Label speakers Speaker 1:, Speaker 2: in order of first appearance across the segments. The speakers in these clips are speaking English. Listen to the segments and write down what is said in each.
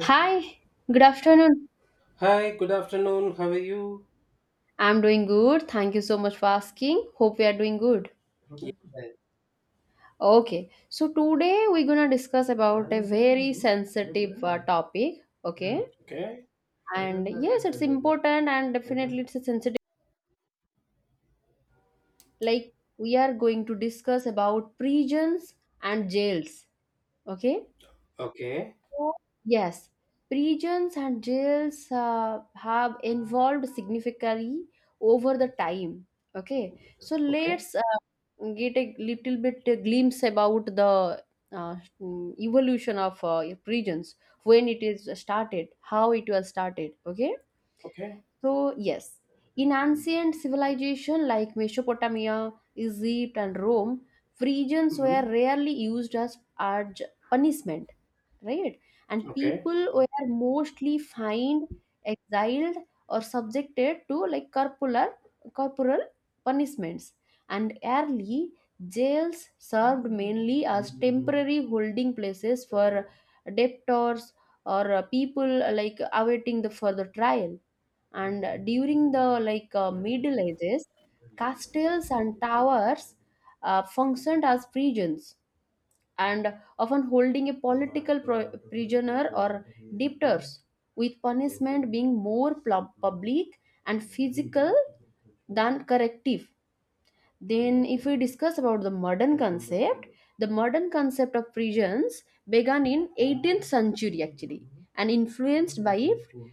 Speaker 1: Hi, good afternoon.
Speaker 2: Hi, good afternoon. How are you?
Speaker 1: I'm doing good. Thank you so much for asking. Hope we are doing good.
Speaker 2: Yeah.
Speaker 1: Okay, so today we're gonna discuss about a very sensitive topic. Okay,
Speaker 2: Okay.
Speaker 1: and yes, it's important and definitely it's a sensitive. Like we are going to discuss about prisons and jails. Okay,
Speaker 2: Okay.
Speaker 1: yes, prisons and jails have evolved significantly over the time. Okay, so
Speaker 2: Okay.
Speaker 1: let's get a little bit a glimpse about the evolution of prisons when it is started, how it was started. Okay,
Speaker 2: Okay.
Speaker 1: so yes, in ancient civilization like Mesopotamia, Egypt, and Rome, prisons were
Speaker 2: Hmm.
Speaker 1: rarely used as punishment, right? And
Speaker 2: Okay.
Speaker 1: people were mostly fined, exiled, or subjected to like corporal punishments. And early jails served mainly as temporary holding places for debtors or people like awaiting the further trial. And during the Middle Ages, castles and towers functioned as prisons and often holding a prisoner or debtors, with punishment being more public and physical than corrective. Then, if we discuss about the modern concept of prisons began in 18th century actually and influenced by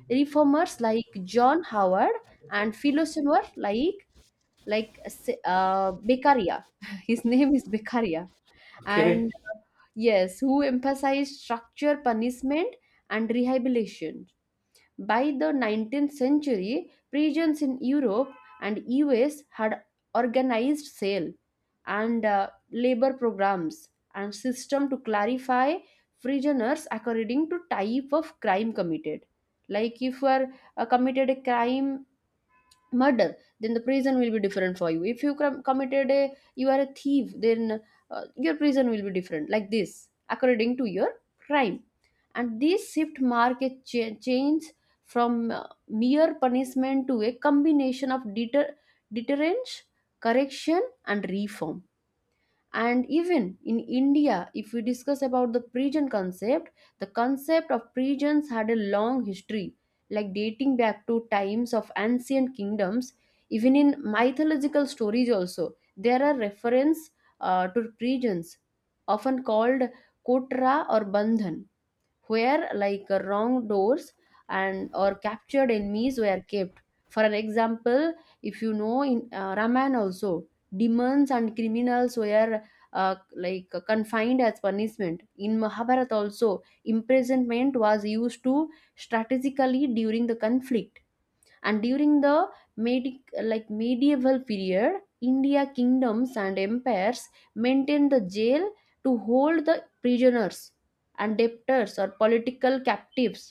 Speaker 1: reformers like John Howard and philosopher like Beccaria. His name is Beccaria,
Speaker 2: Okay.
Speaker 1: and yes, who emphasized structure, punishment, and rehabilitation. By the 19th century, prisons in Europe and US had organized sale and labor programs and system to clarify prisoners according to type of crime committed. Like if you are committed a crime murder, then the prison will be different for you. If you committed a, you are a thief, then your prison will be different like this according to your crime. And this shift mark a change from mere punishment to a combination of deterrence, correction, and reform. And even in India, if we discuss about the prison concept, the concept of prisons had a long history, like dating back to times of ancient kingdoms. Even in mythological stories also there are reference to prisons, often called kotra or bandhan, where like wrong doors and or captured enemies were kept. For an example, if you know in raman also, demons and criminals were confined as punishment. In mahabharata also imprisonment was used to strategically during the conflict. And during the medi- medieval period, India kingdoms and empires maintained the jail to hold the prisoners and debtors or political captives.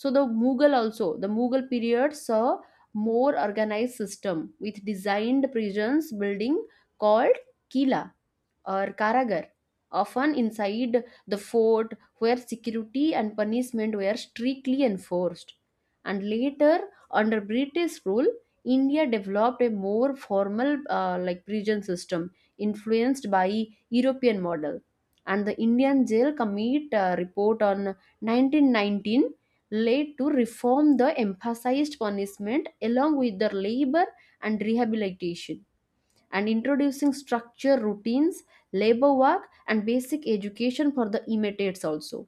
Speaker 1: So the mughal also the mughal period saw more organized system, with designed prisons building called kila or Karagar, often inside the fort where security and punishment were strictly enforced. And later, under British rule, India developed a more formal like prison system influenced by European model. And the Indian Jail Committee report on 1919 led to reform the emphasized punishment along with the labor and rehabilitation, and introducing structure routines, labor work, and basic education for the imitates also.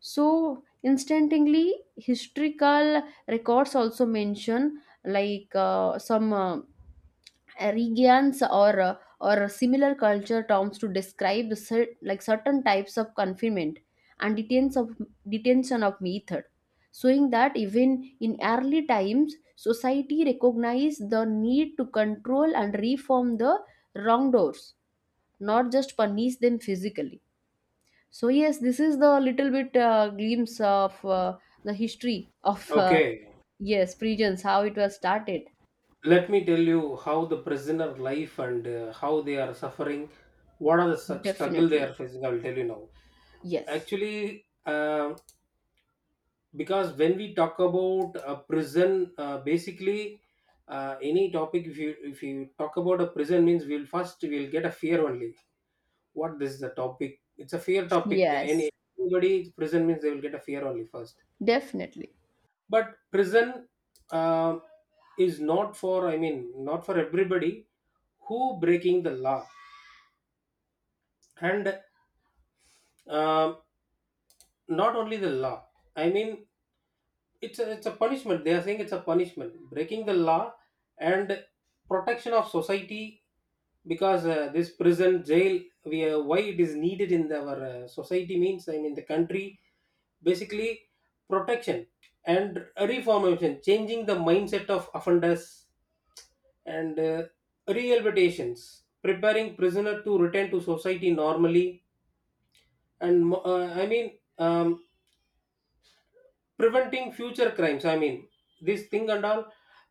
Speaker 1: So instantly historical records also mention like some regions or similar culture terms to describe the like certain types of confinement and detention of method, showing that even in early times society recognized the need to control and reform the wrongdoers, not just punish them physically. So yes, this is the little bit glimpse of the history of
Speaker 2: Okay.
Speaker 1: yes, prisons, how it was started.
Speaker 2: Let me tell you how the prisoner life and how they are suffering. What are the struggle they
Speaker 1: Definitely
Speaker 2: are facing? I will tell you now.
Speaker 1: yes.
Speaker 2: Actually, because when we talk about a prison, basically any topic. If you talk about a prison, means we'll first we'll get a fear only. What, this is a topic, it's a fear topic.
Speaker 1: Yes.
Speaker 2: Any anybody prison means they will get a fear only first.
Speaker 1: Definitely.
Speaker 2: But prison, uh, is not for, I mean not for everybody who breaking the law. And um not only the law, I mean it's a punishment, they are saying it's a punishment breaking the law, and protection of society. Because this prison jail, we why it is needed in our society means, I mean the country, basically protection, and reformation, changing the mindset of offenders, and rehabilitations, preparing prisoner to return to society normally, and I mean, um, preventing future crimes, I mean this thing and all.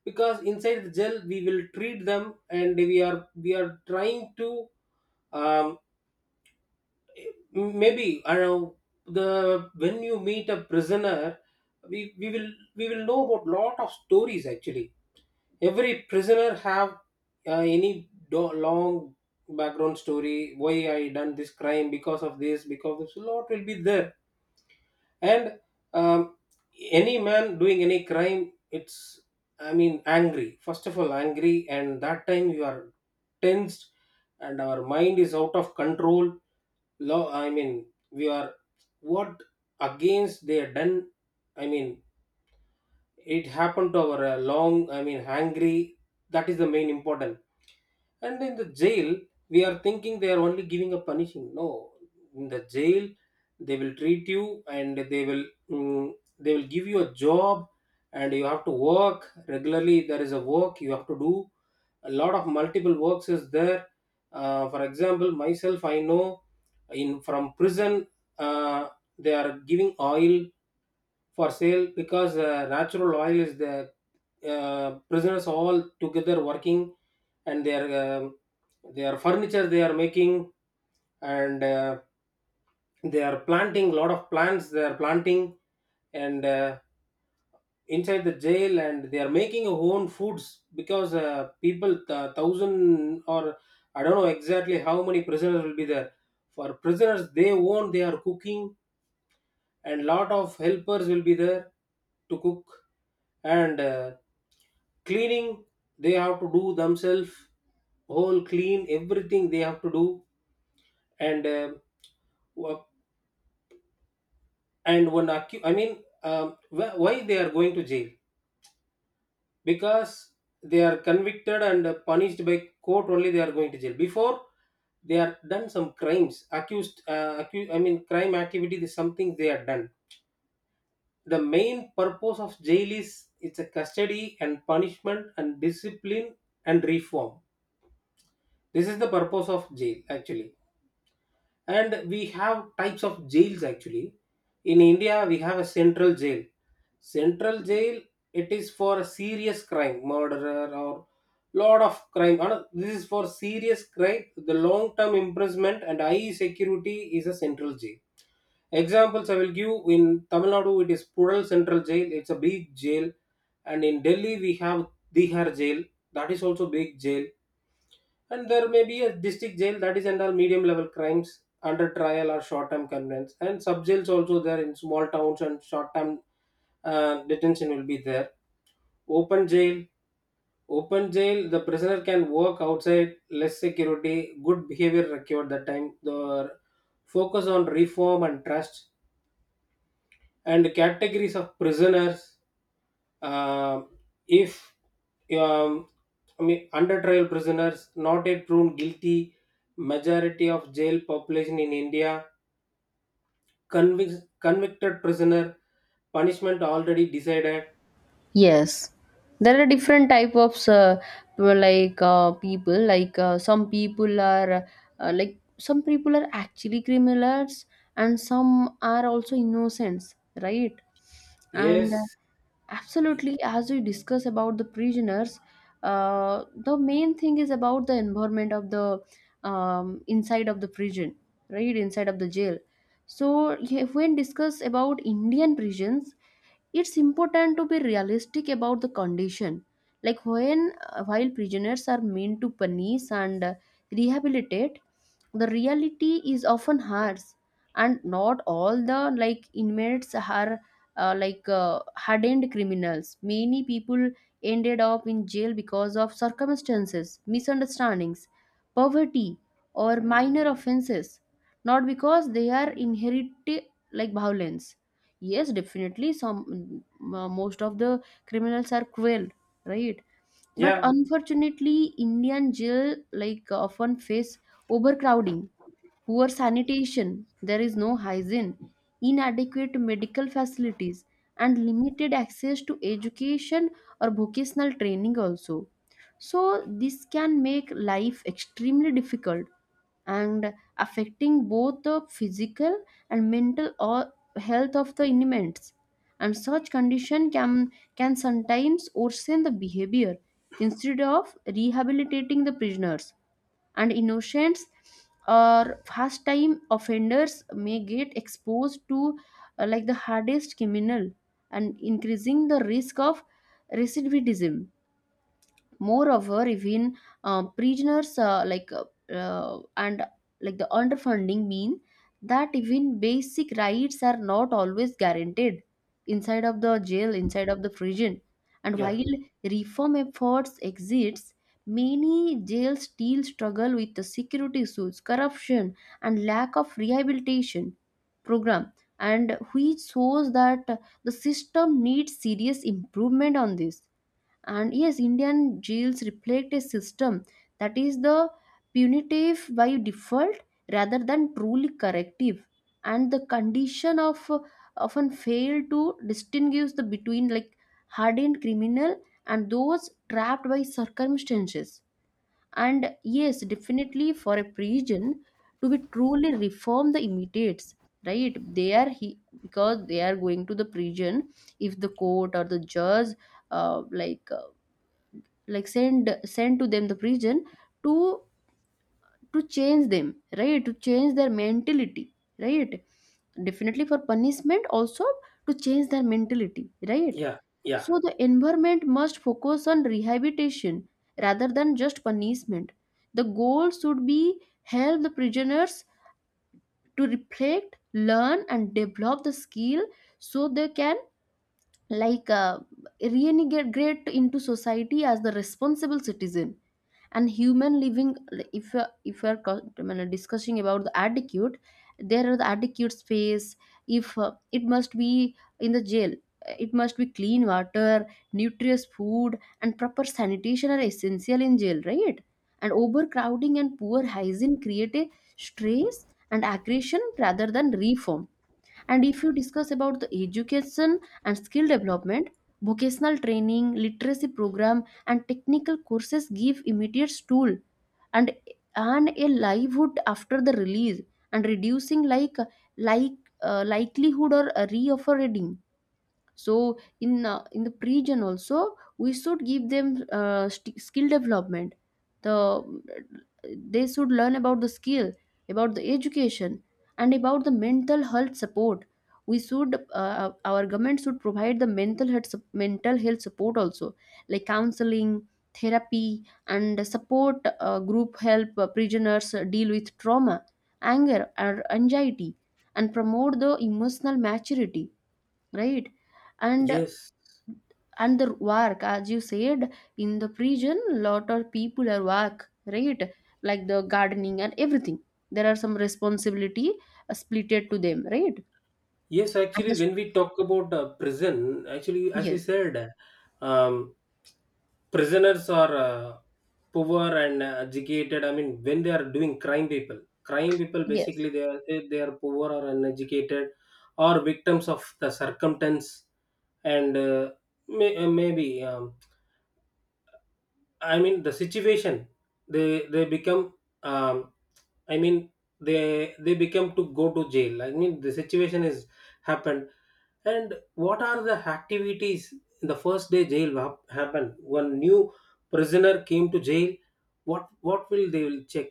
Speaker 2: Because inside the jail we will treat them and we are trying to, um, maybe I know, the when you meet a prisoner, we, we will we will know about lot of stories actually. Every prisoner have, any long background story, why I done this crime, because of this, because this lot will be there. And um, any man doing any crime, it's, I mean angry, first of all angry, and that time you are tensed and our mind is out of control. Law, I mean we are what against they are done, I mean it happened to our long, I mean angry. That is the main important. And in the jail, we are thinking they are only giving a punishing. No, in the jail, they will treat you and they will, they will give you a job, and you have to work regularly. There is a work you have to do. A lot of multiple works is there. For example, myself, I know in from prison, uh, they are giving oil for sale, because natural oil is the, prisoners all together working, and their furniture they are making, and they are planting lot of plants they are planting, and inside the jail, and they are making own foods. Because people, thousand or, I don't know exactly how many prisoners will be there, for prisoners they own they are cooking, and lot of helpers will be there to cook, and cleaning they have to do themselves, whole clean everything they have to do. And wha- and one I mean, why they are going to jail, because they are convicted and punished by court only they are going to jail. Before they are done some crimes accused, I mean crime activity is something they are done. The main purpose of jail is, it's a custody and punishment and discipline and reform. This is the purpose of jail actually. And we have types of jails actually. In India we have a central jail. Central jail, it is for a serious crime, murderer or lot of crime. No, this is for serious crime, the long term imprisonment and high security is a central jail. Examples I will give: in Tamil Nadu it is Pural central jail, it's a big jail. And in Delhi we have Dihar jail, that is also big jail. And there may be a district jail, that is under medium level crimes, under trial or short term convenience. And sub jails also there in small towns, and short term detention will be there. Open jail, open jail, the prisoner can work outside, less security, good behavior required that time. The focus on reform and trust, and categories of prisoners. Um if, um, I mean under trial prisoners not yet proven guilty, majority of jail population in India, convict, convicted prisoner, punishment already decided.
Speaker 1: Yes, there are different type of like people. Like some people are like some people are actually criminals, and some are also innocents, right? And
Speaker 2: Yes,
Speaker 1: absolutely, as we discuss about the prisoners, the main thing is about the environment of the inside of the prison, right? Inside of the jail. So yeah, if we discuss about Indian prisons, it's important to be realistic about the condition, like when while prisoners are meant to punish and rehabilitate, the reality is often harsh and not all the like inmates are uh, like uh, hardened criminals. Many people ended up in jail because of circumstances, misunderstandings, poverty, or minor offenses, not because they are inherited like violence. Yes, definitely some most of the criminals are cruel, right? But
Speaker 2: yeah,
Speaker 1: unfortunately Indian jail like often face overcrowding, poor sanitation, there is no hygiene, inadequate medical facilities, and limited access to education or vocational training also. So this can make life extremely difficult, and affecting both the physical and mental or health of the inmates. And such condition can sometimes worsen the behavior instead of rehabilitating the prisoners. And innocents or first time offenders may get exposed to like the hardest criminal, and increasing the risk of recidivism. Moreover, even prisoners like and like the underfunding mean that even basic rights are not always guaranteed inside of the jail, inside of the prison. And
Speaker 2: yeah,
Speaker 1: while reform efforts exist, many jails still struggle with the security issues, corruption, and lack of rehabilitation program, and which shows that the system needs serious improvement on this. And yes, Indian jails reflect a system that is the punitive by default, rather than truly corrective. And the condition of often fail to distinguish the between like hardened criminal and those trapped by circumstances. And yes, definitely for a prison to be truly reform the immediates, right, they are he because they are going to the prison. If the court or the judge uh, like send to them the prison to to change them, right, to change their mentality, right? Definitely for punishment also, to change their mentality, right?
Speaker 2: yeah, yeah,
Speaker 1: So the environment must focus on rehabilitation rather than just punishment. The goal should be help the prisoners to reflect, learn, and develop the skill, so they can like uh, reintegrate into society as the responsible citizen and human living. Like, if you if we are I mean, discussing about the attitude, there are the attitude space. If it must be in the jail, it must be clean water, nutritious food, and proper sanitation are essential in jail, right? And overcrowding and poor hygiene create a stress and aggression rather than reform. And if you discuss about the education and skill development, vocational training, literacy program, and technical courses give immediate tool and and a livelihood after the release, and reducing like likelihood or reoffering. So in the region also we should give them skill development. The they should learn about the skill, about the education, and about the mental health support. We should our government should provide the mental health support also, like counseling, therapy, and support group help prisoners deal with trauma, anger, or anxiety, and promote the emotional maturity, right? and
Speaker 2: yes.
Speaker 1: and the work, as you said, in the prison, lot of people are work, right? Like the gardening and everything, there are some responsibility splitted to them, right?
Speaker 2: Yes,
Speaker 1: And
Speaker 2: actually,
Speaker 1: the,
Speaker 2: when we talk about prison, actually, as you
Speaker 1: yes
Speaker 2: said, um, prisoners are poor and educated. I mean, when they are doing crime people
Speaker 1: yes,
Speaker 2: basically they are they are poor or uneducated, or victims of the circumstance, and may, maybe I mean the situation they become. Um, I mean, they become to go to jail. I mean, the situation is happened. And what are the activities in the first day jail happened? One new prisoner came to jail. What will they will check?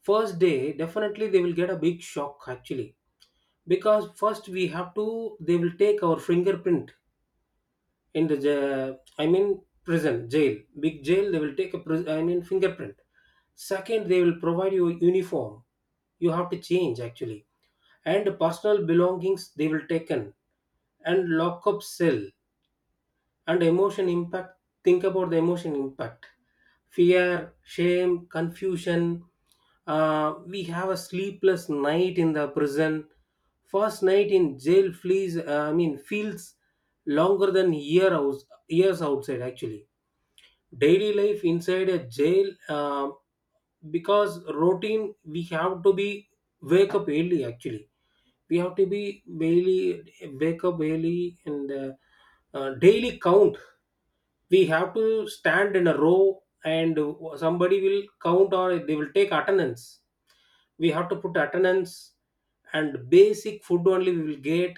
Speaker 2: First day, definitely they will get a big shock actually. Because first we have to, they will take our fingerprint in the I mean prison jail, big jail they will take a I mean fingerprint. Second, they will provide you a uniform, you have to change actually. And personal belongings they will taken, and lock up cell, and emotion impact. Think about the emotion impact: fear, shame, confusion. Uh, we have a sleepless night in the prison. First night in jail flees I mean feels longer than year house, years outside actually. Daily life inside a jail, because routine we have to be wake up early actually. We have to be daily wake up early, and daily count, we have to stand in a row and somebody will count, or they will take attendance, we have to put attendance. And basic food only we will get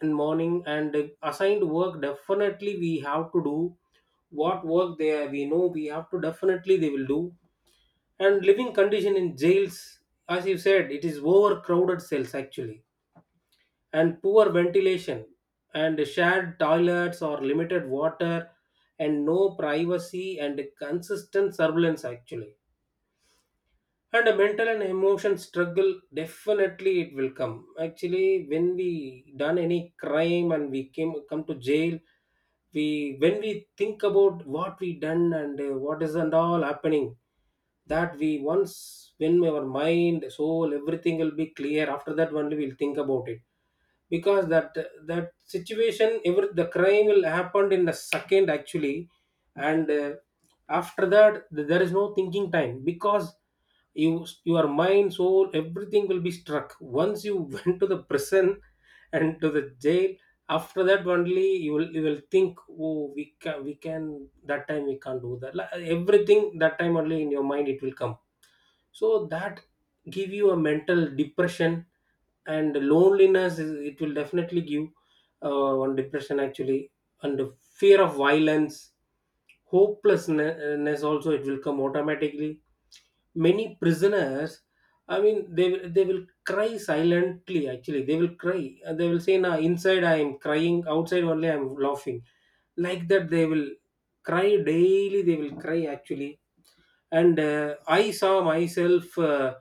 Speaker 2: in morning, and assigned work definitely we have to do. What work there we know, we have to definitely they will do. And living condition in jails, as you said, it is overcrowded cells actually, and poor ventilation, and shared toilets or limited water, and no privacy, and consistent surveillance actually. And a mental and emotion struggle definitely it will come. Actually when we done any crime and we came come to jail, we when we think about what we done and what is and all happening, that we once, when our mind soul everything will be clear after that only we'll think about it. Because that situation, every the crime will happened in a second actually. And after that there is no thinking time, because you, your mind soul everything will be struck once you went to the prison and to the jail. After that only you will, you will think, oh, we can, we can, that time we can't do that. Like, everything that time only in your mind it will come. So that give you a mental depression, and loneliness is, it will definitely give one depression actually. And the fear of violence, hopelessness also it will come automatically. Many prisoners, I mean they will cry silently actually, they will cry and they will say, nah, inside I am crying, outside only I am laughing. Like that they will, cry daily they will cry actually. And I saw myself, uh,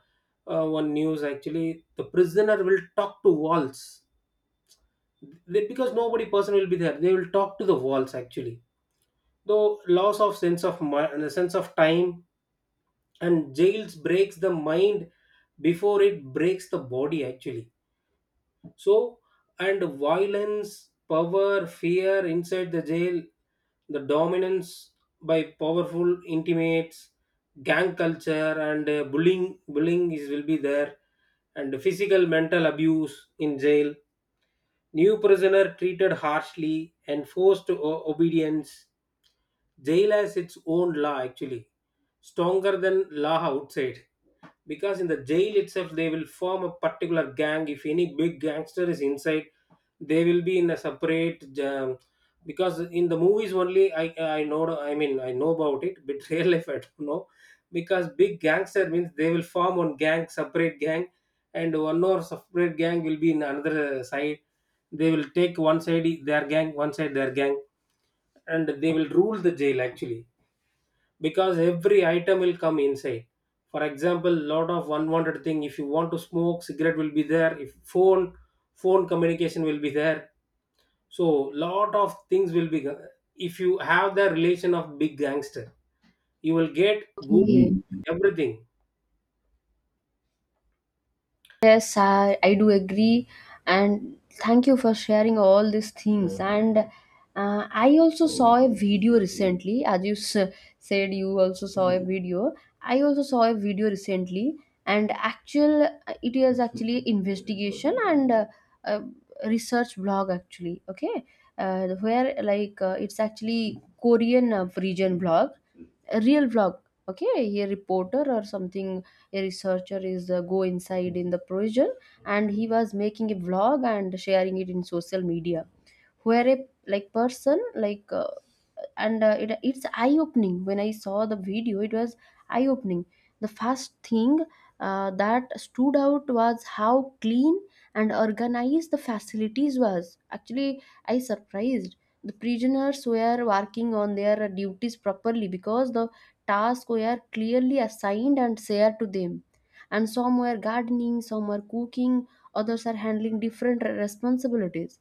Speaker 2: uh, one news actually, the prisoner will talk to walls. They, because nobody person will be there they will talk to the walls actually. Though, loss of sense of and sense of time, and jails breaks the mind before it breaks the body actually. So, and violence, power, fear inside the jail, the dominance by powerful intimates, gang culture and bullying is will be there, and physical mental abuse in jail. New prisoner treated harshly and forced obedience. Jail has its own law actually, stronger than law outside. Because in the jail itself they will form a particular gang. If any big gangster is inside, they will be in a separate, because in the movies only I know, I mean I know about it, but real life I don't know. Because big gangster means they will form one gang, separate gang, and one more separate gang will be in another side. They will take one side their gang, one side their gang, and they will rule the jail actually. Because every item will come inside. For example, lot of unwanted thing, if you want to smoke cigarette will be there, if phone communication will be there. So lot of things will be, if you have the relation of big gangster you will get good
Speaker 1: okay.
Speaker 2: everything.
Speaker 1: Yes, I do agree, and thank you for sharing all these things. And I also saw a video recently, as you said, you also saw a video. I also saw a video recently, and actual it is actually investigation and uh, research blog actually. Okay, where like it's actually Korean region blog, a real vlog, okay, a reporter or something, a researcher is go inside in the prison, and he was making a vlog and sharing it in social media where a like person like and it's eye opening. When I saw the video it was eye opening. The first thing that stood out was how clean and organized the facilities was. Actually I surprised the prisoners were working on their duties properly, because the tasks were clearly assigned and shared to them, and some were gardening, some were cooking, others are handling different responsibilities.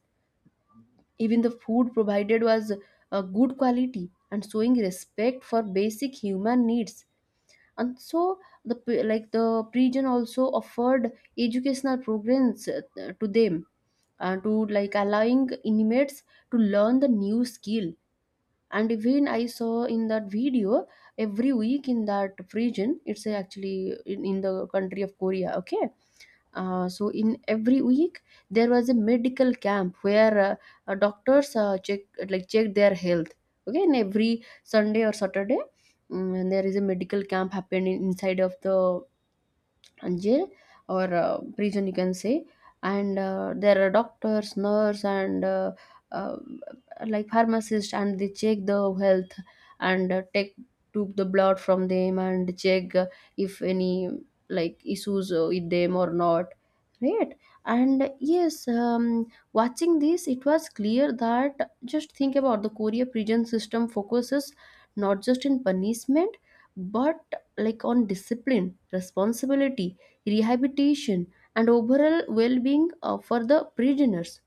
Speaker 1: Even the food provided was good quality and showing respect for basic human needs. And so, the like the region also offered educational programs to them, to like allowing inmates to learn the new skill. And even I saw in that video, every week in that region, it's actually in the country of Korea. Okay, so in every week there was a medical camp where doctors check like check their health. Okay, and every Sunday or Saturday, there is a medical camp happening inside of the jail or prison you can say. And there are doctors nurse and uh, like pharmacist, and they check the health and take took the blood from them and check if any like issues with them or not, right. And yes, watching this it was clear that, just think about, the korea prison system focuses not just in punishment but like on discipline, responsibility, rehabilitation, and overall well being for the prisoners.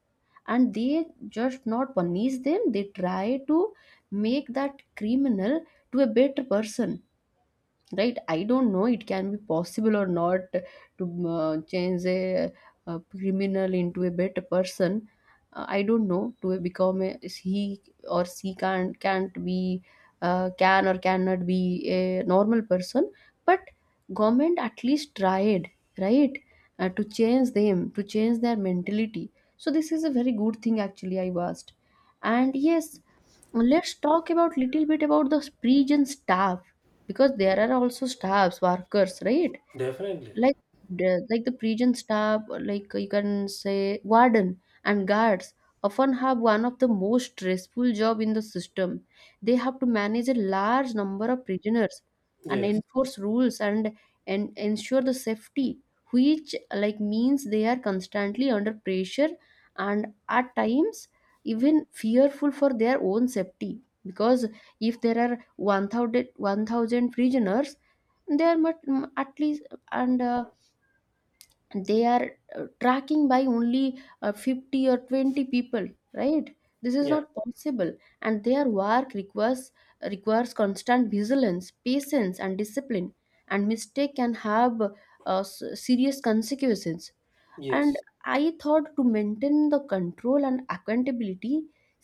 Speaker 1: And they just not punish them, they try to make that criminal to a better person, right? I don't know it can be possible or not to change a criminal into a better person. I don't know, to become a he or she can't be can or cannot be a normal person, but government at least tried, right? To change them, to change their mentality, so this is a very good thing actually I asked. And yes, let's talk about little bit about the prison staff, because there are also staffs workers, right?
Speaker 2: Definitely.
Speaker 1: Like the prison staff, like you can say warden and guards, often have one of the most stressful job in the system. They have to manage a large number of prisoners and
Speaker 2: Yes.
Speaker 1: enforce rules and ensure the safety, which like means they are constantly under pressure, and at times even fearful for their own safety. Because if there are 1000 1000 prisoners, there must at least, and they are tracking by only 50 or 20 people, right? This is
Speaker 2: Yeah.
Speaker 1: not possible. And their work requires constant vigilance, patience and discipline, and mistake can have serious consequences. And
Speaker 2: Yes.
Speaker 1: I thought, to maintain the control and accountability,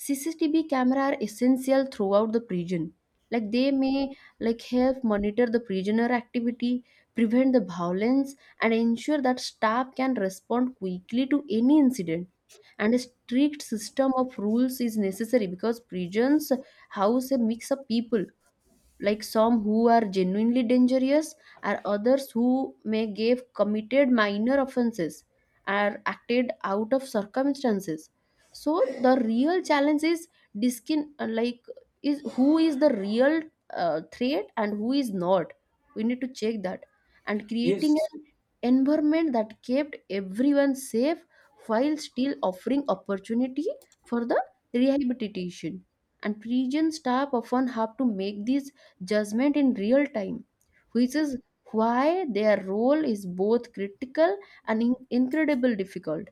Speaker 1: cctv camera are essential throughout the prison. Like they may like help monitor the prisoner activity, prevent the violence, and ensure that staff can respond quickly to any incident. And a strict system of rules is necessary, because prisons house a mix of people, like some who are genuinely dangerous, or others who may have committed minor offenses or acted out of circumstances. So the real challenge is diskin like is who is the real threat and who is not, we need to check that. And creating
Speaker 2: Yes.
Speaker 1: an environment that kept everyone safe, while still offering opportunity for the rehabilitation. And region staff often have to make this judgment in real time, which is why their role is both critical and incredibly difficult,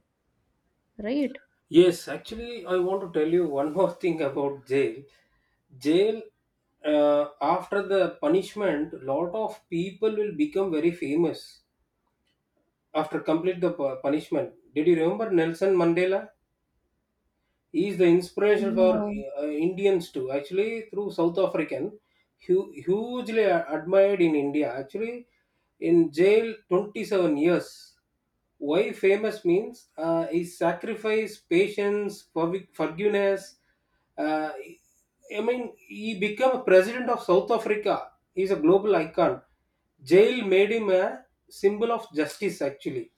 Speaker 1: right?
Speaker 2: Yes, actually, I want to tell you one more thing about jail. Jail, after the punishment, lot of people will become very famous after complete the punishment. Did you remember Nelson Mandela? He is the inspiration for
Speaker 1: No.
Speaker 2: Indians too. Actually, through South African, hugely admired in India. Actually, in jail, 27 years. Why famous means, is sacrifice, patience, forgiveness. Uh, I mean, he became a president of South Africa. He's a global icon. Jail made him a symbol of justice. Actually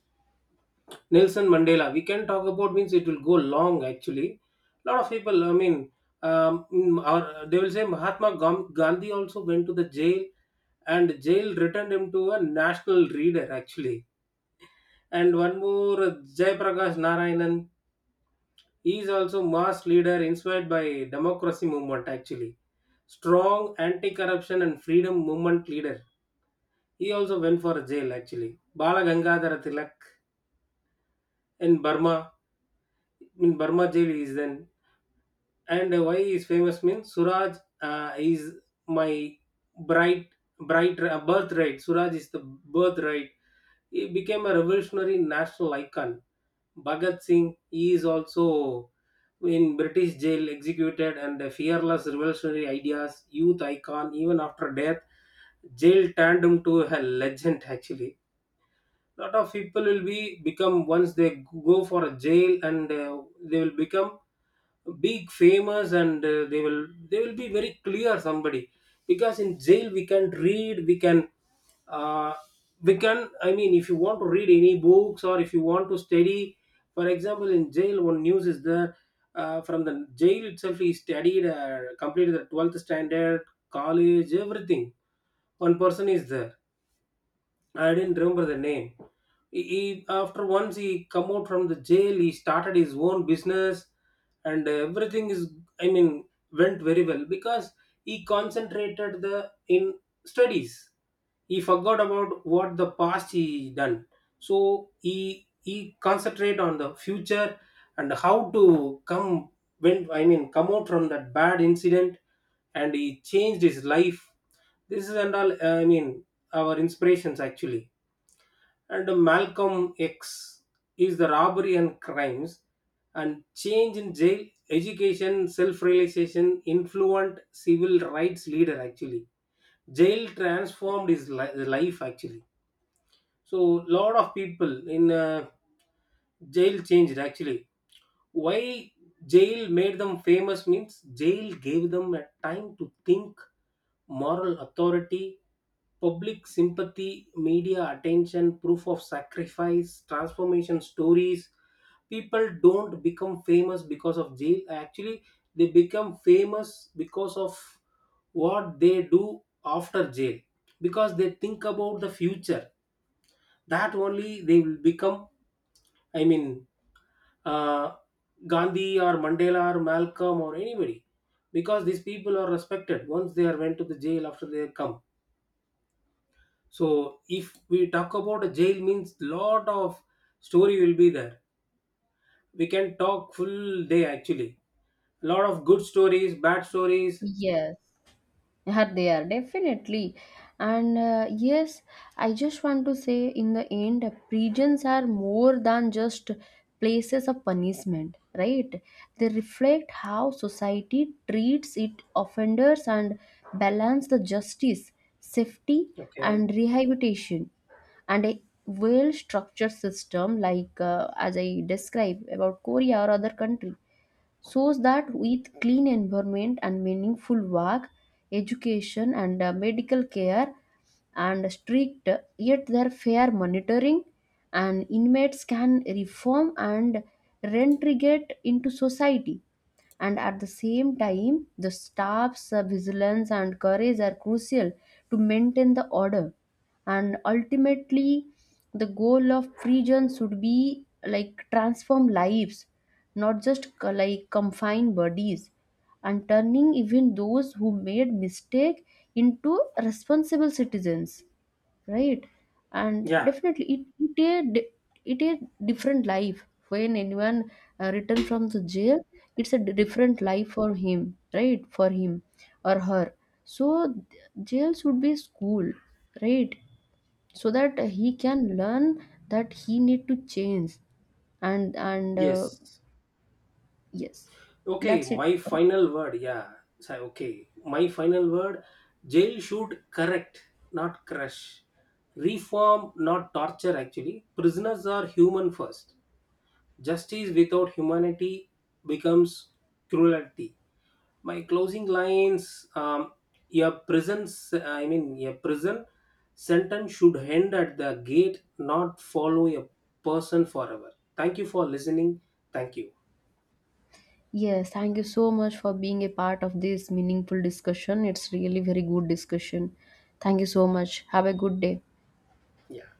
Speaker 2: Nelson Mandela, we can talk about means it will go long actually. Lot of people, I mean, or they will say Mahatma Gandhi also went to the jail, and jail returned him to a national leader actually. And one more Jayaprakash Narayanan, he is also mass leader inspired by democracy movement actually, strong anti-corruption and freedom movement leader. He also went for jail actually. Bala Gangadhara Tilak, in Burma, in Burma jail he is then. And why is famous means, suraj is my bright bright birthright, suraj is the birthright. He became a revolutionary national icon. Bhagat Singh, he is also in British jail executed, and a fearless revolutionary ideas, youth icon even after death. Jail turned him to a legend actually. Lot of people will be become once they go for a jail, and they will become big famous, and they will be very clear somebody. Because in jail we can read, we can, uh, we can, I mean if you want to read any books or if you want to study, for example in jail one news is there, from the jail itself he studied, completed the 12th standard, college, everything. One person is there, I didn't remember the name. He, after once he come out from the jail, he started his own business, and everything is, I mean went very well because he concentrated the in studies. He forgot about what the past he done, so he concentrate on the future and how to come, when I mean come out from that bad incident, and he changed his life. This is and all, I mean our inspirations actually. And Malcolm X is the robbery and crimes and change in jail, education, self realization, influent civil rights leader actually. Jail transformed his life actually. So, lot of people in jail changed actually. Why jail made them famous means, jail gave them a time to think, moral authority, public sympathy, media attention, proof of sacrifice, transformation stories. People don't become famous because of jail actually, they become famous because of what they do after jail. Because they think about the future, that only they will become, I mean uh, Gandhi or Mandela or Malcolm or anybody, because these people are respected once they are went to the jail after they come. So if we talk about a jail means lot of story will be there. We can talk full day actually. Lot of good stories, bad stories.
Speaker 1: Yes. Yeah, they are definitely. And yes, I just want to say in the end, prisons are more than just places of punishment, right? They reflect how society treats its offenders and balance the justice, safety,
Speaker 2: Okay.
Speaker 1: and rehabilitation. And a well structured system, like as I described about korea or other country, shows that with clean environment and meaningful work, education and medical care, and strict yet their fair monitoring, and inmates can reform and reintegrate into society. And at the same time the staff's vigilance and courage are crucial to maintain the order. And ultimately the goal of prison should be like transform lives, not just like confine bodies, and turning even those who made mistake into responsible citizens, right? And
Speaker 2: Yeah.
Speaker 1: definitely it it a di- it a different life when anyone return from the jail. It's a different life for him, right, for him or her. So jail should be school, right? So that he can learn that he need to change. And
Speaker 2: Yes.
Speaker 1: Yes.
Speaker 2: Okay,
Speaker 1: That's it
Speaker 2: my
Speaker 1: from.
Speaker 2: final word. Yeah. So, okay, my final word. Jail should correct, not crush. Reform, not torture, actually. Prisoners are human first. Justice without humanity becomes cruelty. My closing lines, your prison, I mean, your prison sentence should end at the gate, not follow a person forever. Thank you for listening. Thank you.
Speaker 1: Yes, thank you so much for being a part of this meaningful discussion. It's really very good discussion. Thank you so much. Have a good day.
Speaker 2: Yeah.